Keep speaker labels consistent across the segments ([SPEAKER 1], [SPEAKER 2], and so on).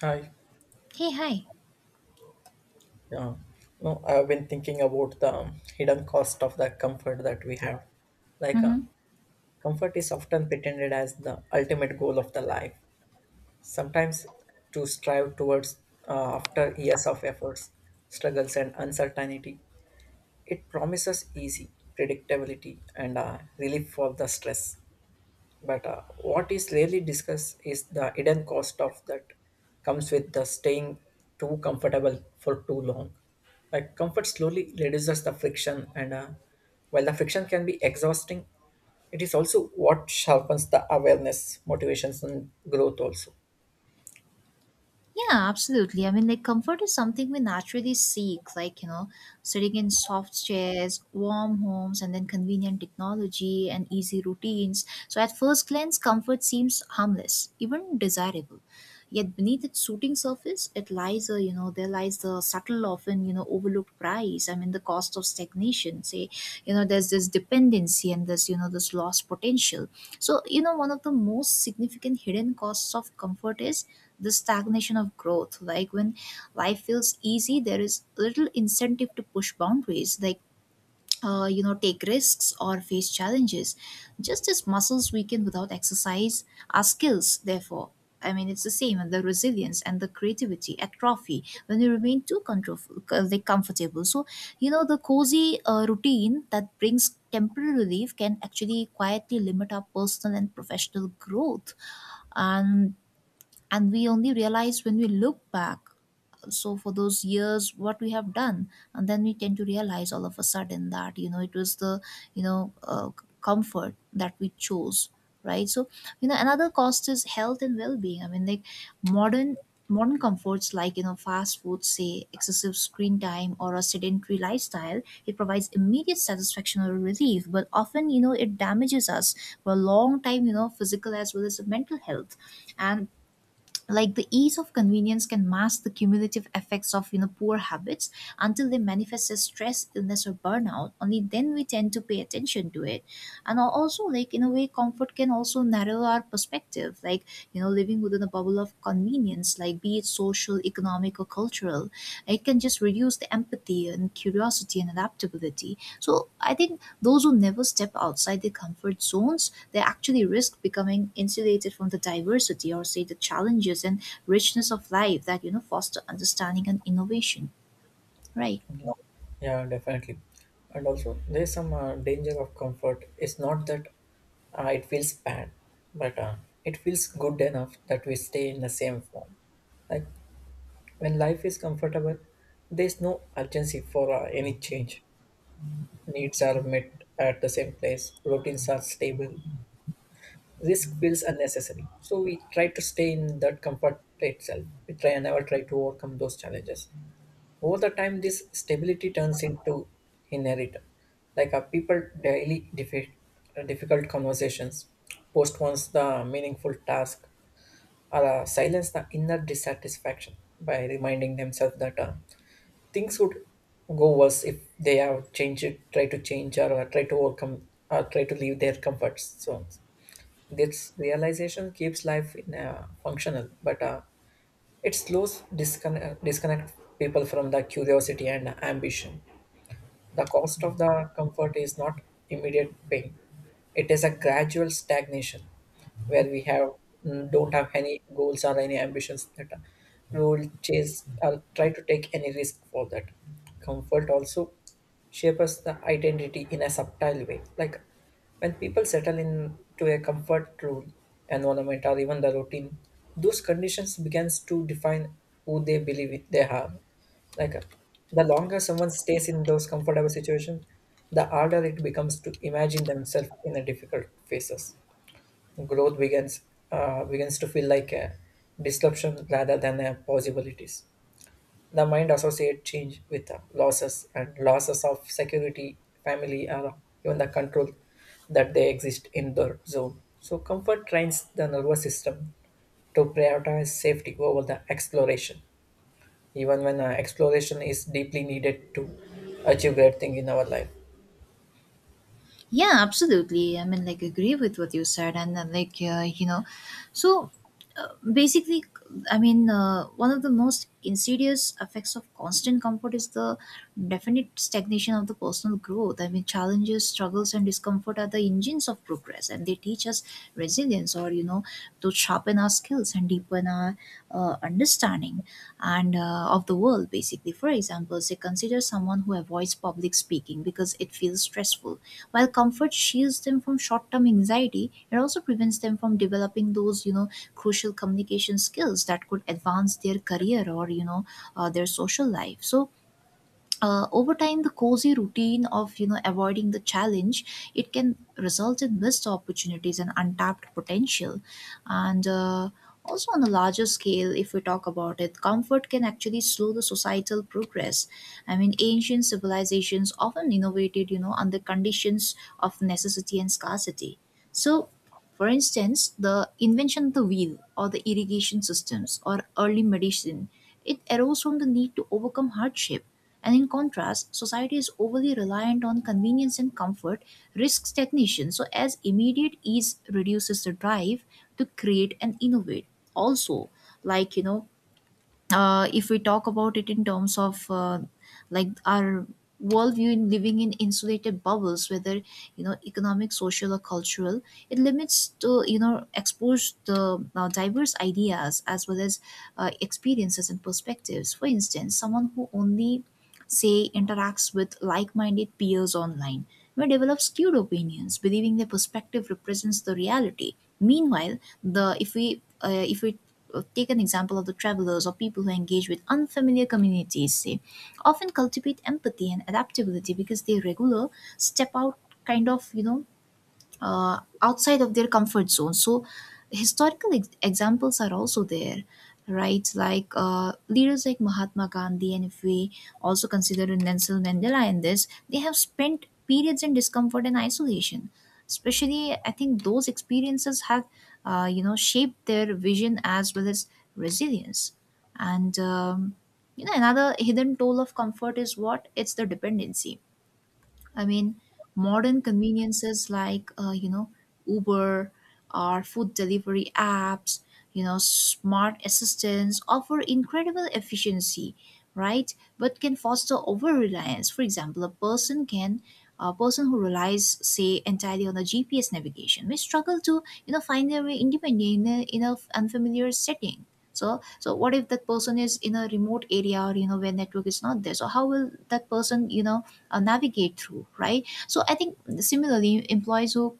[SPEAKER 1] Hi.
[SPEAKER 2] Hey, hi.
[SPEAKER 1] Yeah. No, I've been thinking about the hidden cost of the comfort that we have. Like,
[SPEAKER 2] Mm-hmm.
[SPEAKER 1] comfort is often pretended as the ultimate goal of the life. Sometimes to strive towards after years of efforts, struggles, and uncertainty, it promises easy predictability and relief for the stress. But what is rarely discussed is the hidden cost of that comes with the staying too comfortable for too long. Like comfort slowly reduces the friction, and while the friction can be exhausting, it is also what sharpens the awareness, motivations, and growth also.
[SPEAKER 2] Yeah, absolutely. Comfort is something we naturally seek, sitting in soft chairs, warm homes, and then convenient technology and easy routines. So, at first glance, comfort seems harmless, even desirable. Yet beneath its suiting surface, it lies a you know there lies the subtle, often overlooked price. I mean, the cost of stagnation. Say, there's this dependency and this lost potential. So, one of the most significant hidden costs of comfort is the stagnation of growth. Like when life feels easy, there is little incentive to push boundaries. Like take risks or face challenges. Just as muscles weaken without exercise, our skills, therefore, I mean, it's the same, and the resilience and the creativity atrophy when we remain too control, like comfortable. So, the cozy routine that brings temporary relief can actually quietly limit our personal and professional growth. And and we only realize when we look back, so for those years what we have done, and then we tend to realize all of a sudden that it was the, you know uh, comfort that we chose, right? So, another cost is health and well-being. I mean, like, modern modern comforts like, fast food, say, excessive screen time, or a sedentary lifestyle, it provides immediate satisfaction or relief, but often, it damages us for a long time, physical as well as mental health. And like, the ease of convenience can mask the cumulative effects of, poor habits, until they manifest as stress, illness, or burnout. Only then we tend to pay attention to it. Also like, in a way, comfort can also narrow our perspective. Like, living within a bubble of convenience, like be it social, economic, or cultural, it can just reduce the empathy and curiosity and adaptability. So I think those who never step outside their comfort zones, they actually risk becoming insulated from the diversity, or say the challenges and richness of life that, foster understanding and innovation. Right.
[SPEAKER 1] Yeah. Yeah, definitely. And also, there's some danger of comfort. It's not that it feels bad, but it feels good enough that we stay in the same form. Like. When life is comfortable, there is no urgency for any change. Needs are met at the same place, routines are stable, risk feels unnecessary. So we try to stay in that comfort itself. We try and never try to overcome those challenges. Over the time, this stability turns into inherent. Like our people daily defeat difficult conversations, postpones the meaningful task, or silence the inner dissatisfaction by reminding themselves that. Things would go worse if they have changed it, try to change or, try to overcome or try to leave their comfort zones. This realization keeps life in functional, but it slows disconnect, people from the curiosity and ambition. The cost of the comfort is not immediate pain. It is a gradual stagnation where we have don't have any goals or any ambitions that we will chase or try to take any risk for that. Comfort also shapes the identity in a subtle way. Like when people settle into a comfort room, environment, or even the routine, those conditions begins to define who they believe it- they have. Like the longer someone stays in those comfortable situations, the harder it becomes to imagine themselves in the difficult phases. Growth begins to feel like a disruption rather than a possibilities. The mind associates change with losses and losses of security, family, or even the control that they exist in the zone. So, comfort trains the nervous system to prioritize safety over the exploration, even when exploration is deeply needed to achieve great thing in our life.
[SPEAKER 2] Yeah, absolutely. Agree with what you said, and so basically, one of the most insidious effects of constant comfort is the definite stagnation of the personal growth. I mean, challenges, struggles, and discomfort are the engines of progress, and they teach us resilience, or to sharpen our skills and deepen our understanding and of the world. Basically, for example, say consider someone who avoids public speaking because it feels stressful. While comfort shields them from short-term anxiety, it also prevents them from developing those, crucial communication skills that could advance their career or, their social life. So over time, the cozy routine of, avoiding the challenge, it can result in missed opportunities and untapped potential. And Also, on a larger scale, if we talk about it, comfort can actually slow the societal progress. I mean, ancient civilizations often innovated, under conditions of necessity and scarcity. So, for instance, the invention of the wheel, or the irrigation systems, or early medicine, it arose from the need to overcome hardship. And in contrast, society is overly reliant on convenience and comfort, risks stagnation. So, as immediate ease reduces the drive to create and innovate. Also, like if we talk about it in terms of like our worldview, in living in insulated bubbles, whether, economic, social, or cultural, it limits to, expose the diverse ideas, as well as experiences and perspectives. For instance, someone who only, say, interacts with like-minded peers online may develop skewed opinions, believing their perspective represents the reality. Meanwhile, the, if we take an example of the travelers, or people who engage with unfamiliar communities, say, often cultivate empathy and adaptability because they regular step out, kind of, outside of their comfort zone. So, historical examples are also there, right? Like leaders like Mahatma Gandhi, and if we also consider Nelson Mandela in this, they have spent periods in discomfort and isolation. Especially, I think those experiences have, shaped their vision as well as resilience. And um, another hidden toll of comfort is what? It's the dependency. I mean, modern conveniences like, Uber, or food delivery apps, smart assistants offer incredible efficiency, right? But can foster over reliance. For example, a person who relies, say, entirely on a GPS navigation may struggle to, find their way independently in in a unfamiliar setting. So, so what if that person is in a remote area, or where network is not there? So how will that person, navigate through, right? So I think similarly, employees who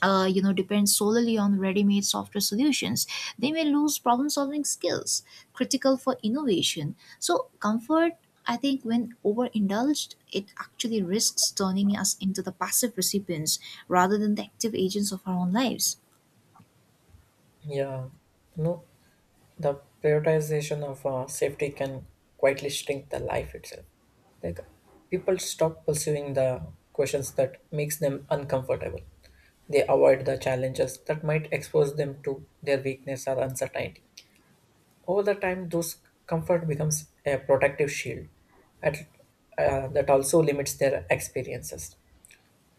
[SPEAKER 2] depend solely on ready-made software solutions, they may lose problem-solving skills critical for innovation. So comfort, I think, when overindulged, it actually risks turning us into the passive recipients rather than the active agents of our own lives.
[SPEAKER 1] Yeah, no. The prioritization of safety can quietly shrink the life itself. Like people stop pursuing the questions that makes them uncomfortable. They avoid the challenges that might expose them to their weakness or uncertainty. Over the time those comfort becomes a protective shield at, that also limits their experiences.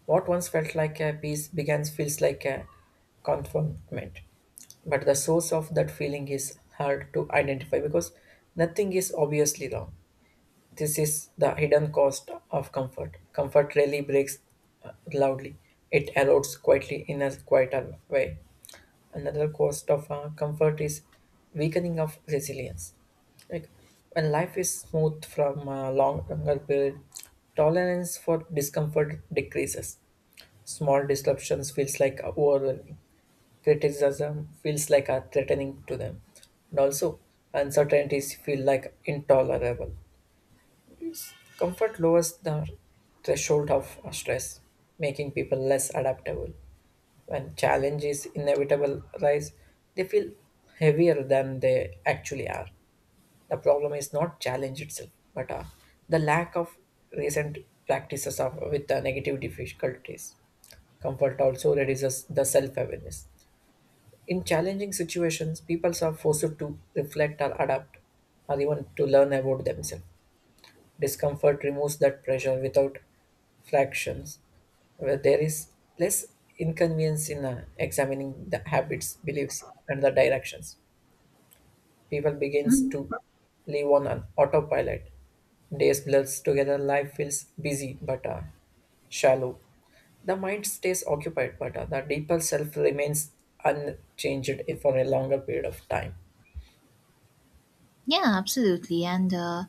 [SPEAKER 1] What once felt like a peace begins feels like a confinement. But the source of that feeling is hard to identify because nothing is obviously wrong. This is the hidden cost of comfort. Comfort rarely breaks loudly. It erodes quietly in a quieter way. Another cost of comfort is weakening of resilience. Like when life is smooth from a longer period, tolerance for discomfort decreases. Small disruptions feels like overwhelming. Criticism feels like a threatening to them. And also uncertainties feel like intolerable. Comfort lowers the threshold of stress, making people less adaptable. When challenges inevitable rise, they feel heavier than they actually are. The problem is not challenge itself, but the lack of recent practices of with the negative difficulties. Comfort also reduces the self awareness. In challenging situations, people are forced to reflect or adapt, or even to learn about themselves. Discomfort removes that pressure without fractions, where there is less inconvenience in examining the habits, beliefs, and the directions. People begins
[SPEAKER 2] Hmm.
[SPEAKER 1] to live on an autopilot. Days blurs together, life feels busy but shallow. The mind stays occupied, but the deeper self remains unchanged for a longer period of time.
[SPEAKER 2] Yeah, absolutely. And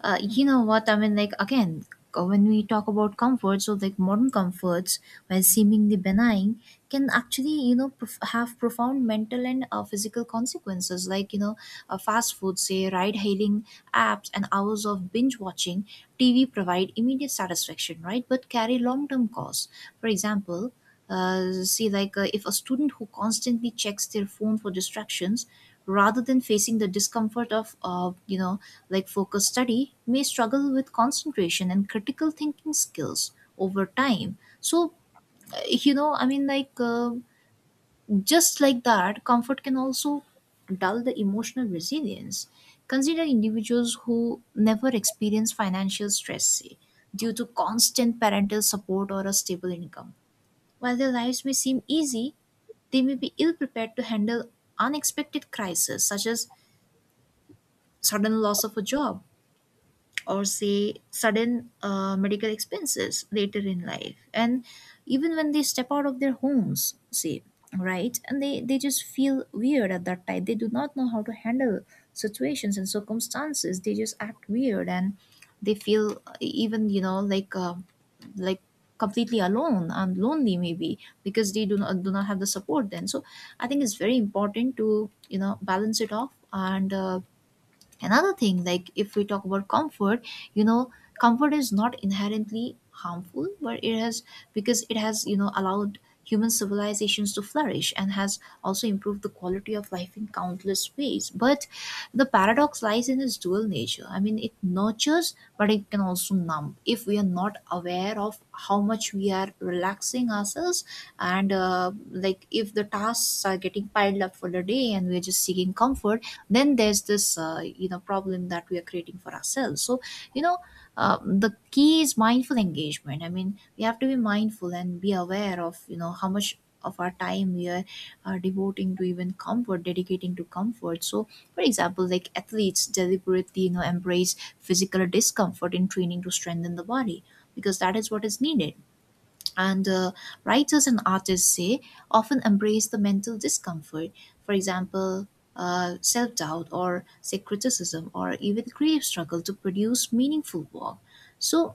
[SPEAKER 2] you know what? I mean, like, again, when we talk about comforts, so like modern comforts, while seemingly benign, can actually, have profound mental and physical consequences. Like, fast food, say, ride hailing apps, and hours of binge watching TV provide immediate satisfaction, right? But carry long term costs. For example, if a student who constantly checks their phone for distractions, rather than facing the discomfort of, like focused study, may struggle with concentration and critical thinking skills over time. So uh, you know i mean like uh, just like that, comfort can also dull the emotional resilience. Consider individuals who never experience financial stress, say, due to constant parental support or a stable income. While their lives may seem easy, they may be ill prepared to handle unexpected crises, such as sudden loss of a job, or say sudden medical expenses later in life. And even when they step out of their homes, say, right, and they just feel weird at that time. They do not know how to handle situations and circumstances. They just act weird, and they feel, even you know like completely alone and lonely, maybe because they do not have the support then. So I think it's very important to, balance it off. And another thing, like, if we talk about comfort, you know comfort is not inherently harmful, but it has, because it has, allowed human civilizations to flourish, and has also improved the quality of life in countless ways. But the paradox lies in its dual nature. I mean, it nurtures, but it can also numb if we are not aware of how much we are relaxing ourselves. And like, if the tasks are getting piled up for the day and we're just seeking comfort, then there's this, problem that we are creating for ourselves. So, you know the key is mindful engagement. I mean, we have to be mindful and be aware of, how much of our time we are devoting to, even comfort, dedicating to comfort. So for example, like, athletes deliberately, embrace physical discomfort in training to strengthen the body, because that is what is needed. And writers and artists, say, often embrace the mental discomfort, for example, self-doubt, or say criticism, or even creative struggle, to produce meaningful work. So,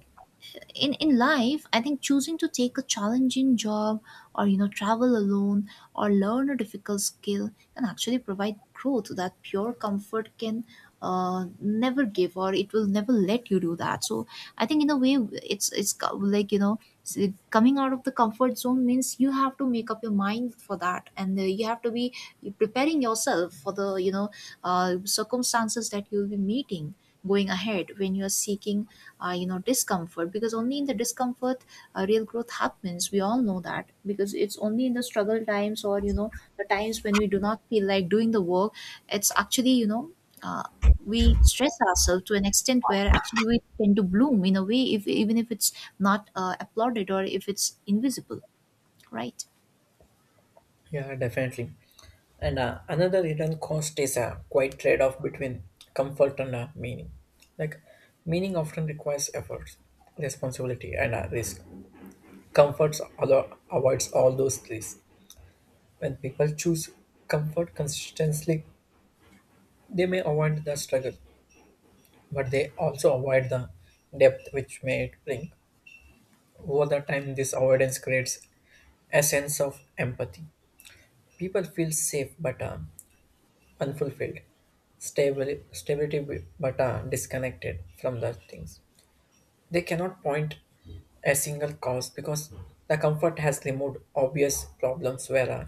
[SPEAKER 2] in life, I think, choosing to take a challenging job, or travel alone, or learn a difficult skill, can actually provide growth that pure comfort can never give, or it will never let you do that. So I think, in a way, it's co- like you know s- coming out of the comfort zone means you have to make up your mind for that. And you have to be preparing yourself for the, circumstances that you'll be meeting going ahead, when you're seeking, discomfort. Because only in the discomfort real growth happens, we all know that. Because it's only in the struggle times, or the times when we do not feel like doing the work, it's actually, uh, we stress ourselves to an extent where actually we tend to bloom in a way, if even if it's not applauded, or if it's invisible, right?
[SPEAKER 1] Yeah, definitely. And another hidden cost is a quite trade off between comfort and meaning. Like, meaning often requires effort, responsibility, and risk. Comfort avoids all those risks. When people choose comfort consistently, they may avoid the struggle, but they also avoid the depth which may it bring. Over the time, this avoidance creates a sense of empathy. People feel safe but unfulfilled, stable, stability but disconnected from the things. They cannot point a single cause because the comfort has removed obvious problems where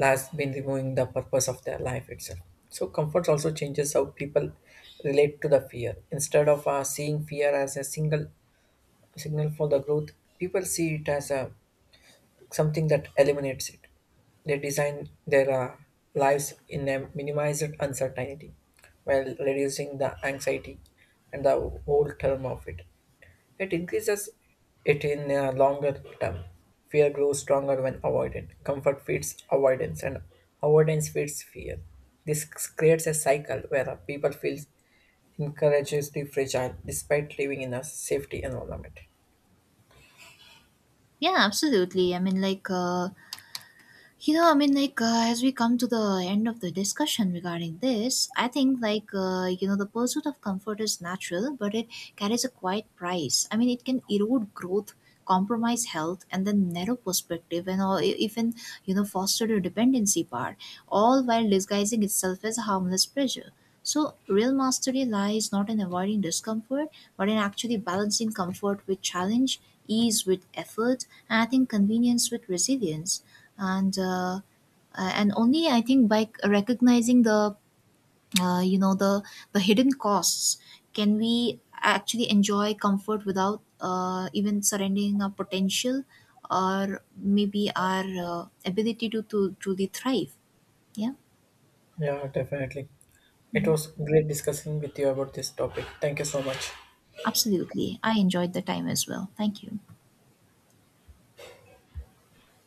[SPEAKER 1] has been removing the purpose of their life itself. So comfort also changes how people relate to the fear. Instead of seeing fear as a single signal for the growth, people see it as a something that eliminates it. They design their lives in a minimized uncertainty while reducing the anxiety and the whole term of it. It increases it in a longer term. Fear grows stronger when avoided. Comfort feeds avoidance, and avoidance feeds fear. This creates a cycle where people feel incourageously fragile despite living in a safety environment.
[SPEAKER 2] Yeah, absolutely. I mean, like, You know, I mean, like, as we come to the end of the discussion regarding this, I think, the pursuit of comfort is natural, but it carries a quiet price. I mean, it can erode growth, compromise health, and then narrow perspective, and all, even, foster the dependency part, all while disguising itself as a harmless pleasure. So, real mastery lies not in avoiding discomfort, but in actually balancing comfort with challenge, ease with effort, and I think convenience with resilience. And uh, uh, and only, I think, by recognizing the, uh, you know the the hidden costs, can we actually enjoy comfort without even surrendering our potential, or maybe our ability to truly thrive. Yeah,
[SPEAKER 1] Yeah, definitely. It was great discussing with you about this topic. Thank you so much.
[SPEAKER 2] absolutely. I enjoyed the time as well. Thank you.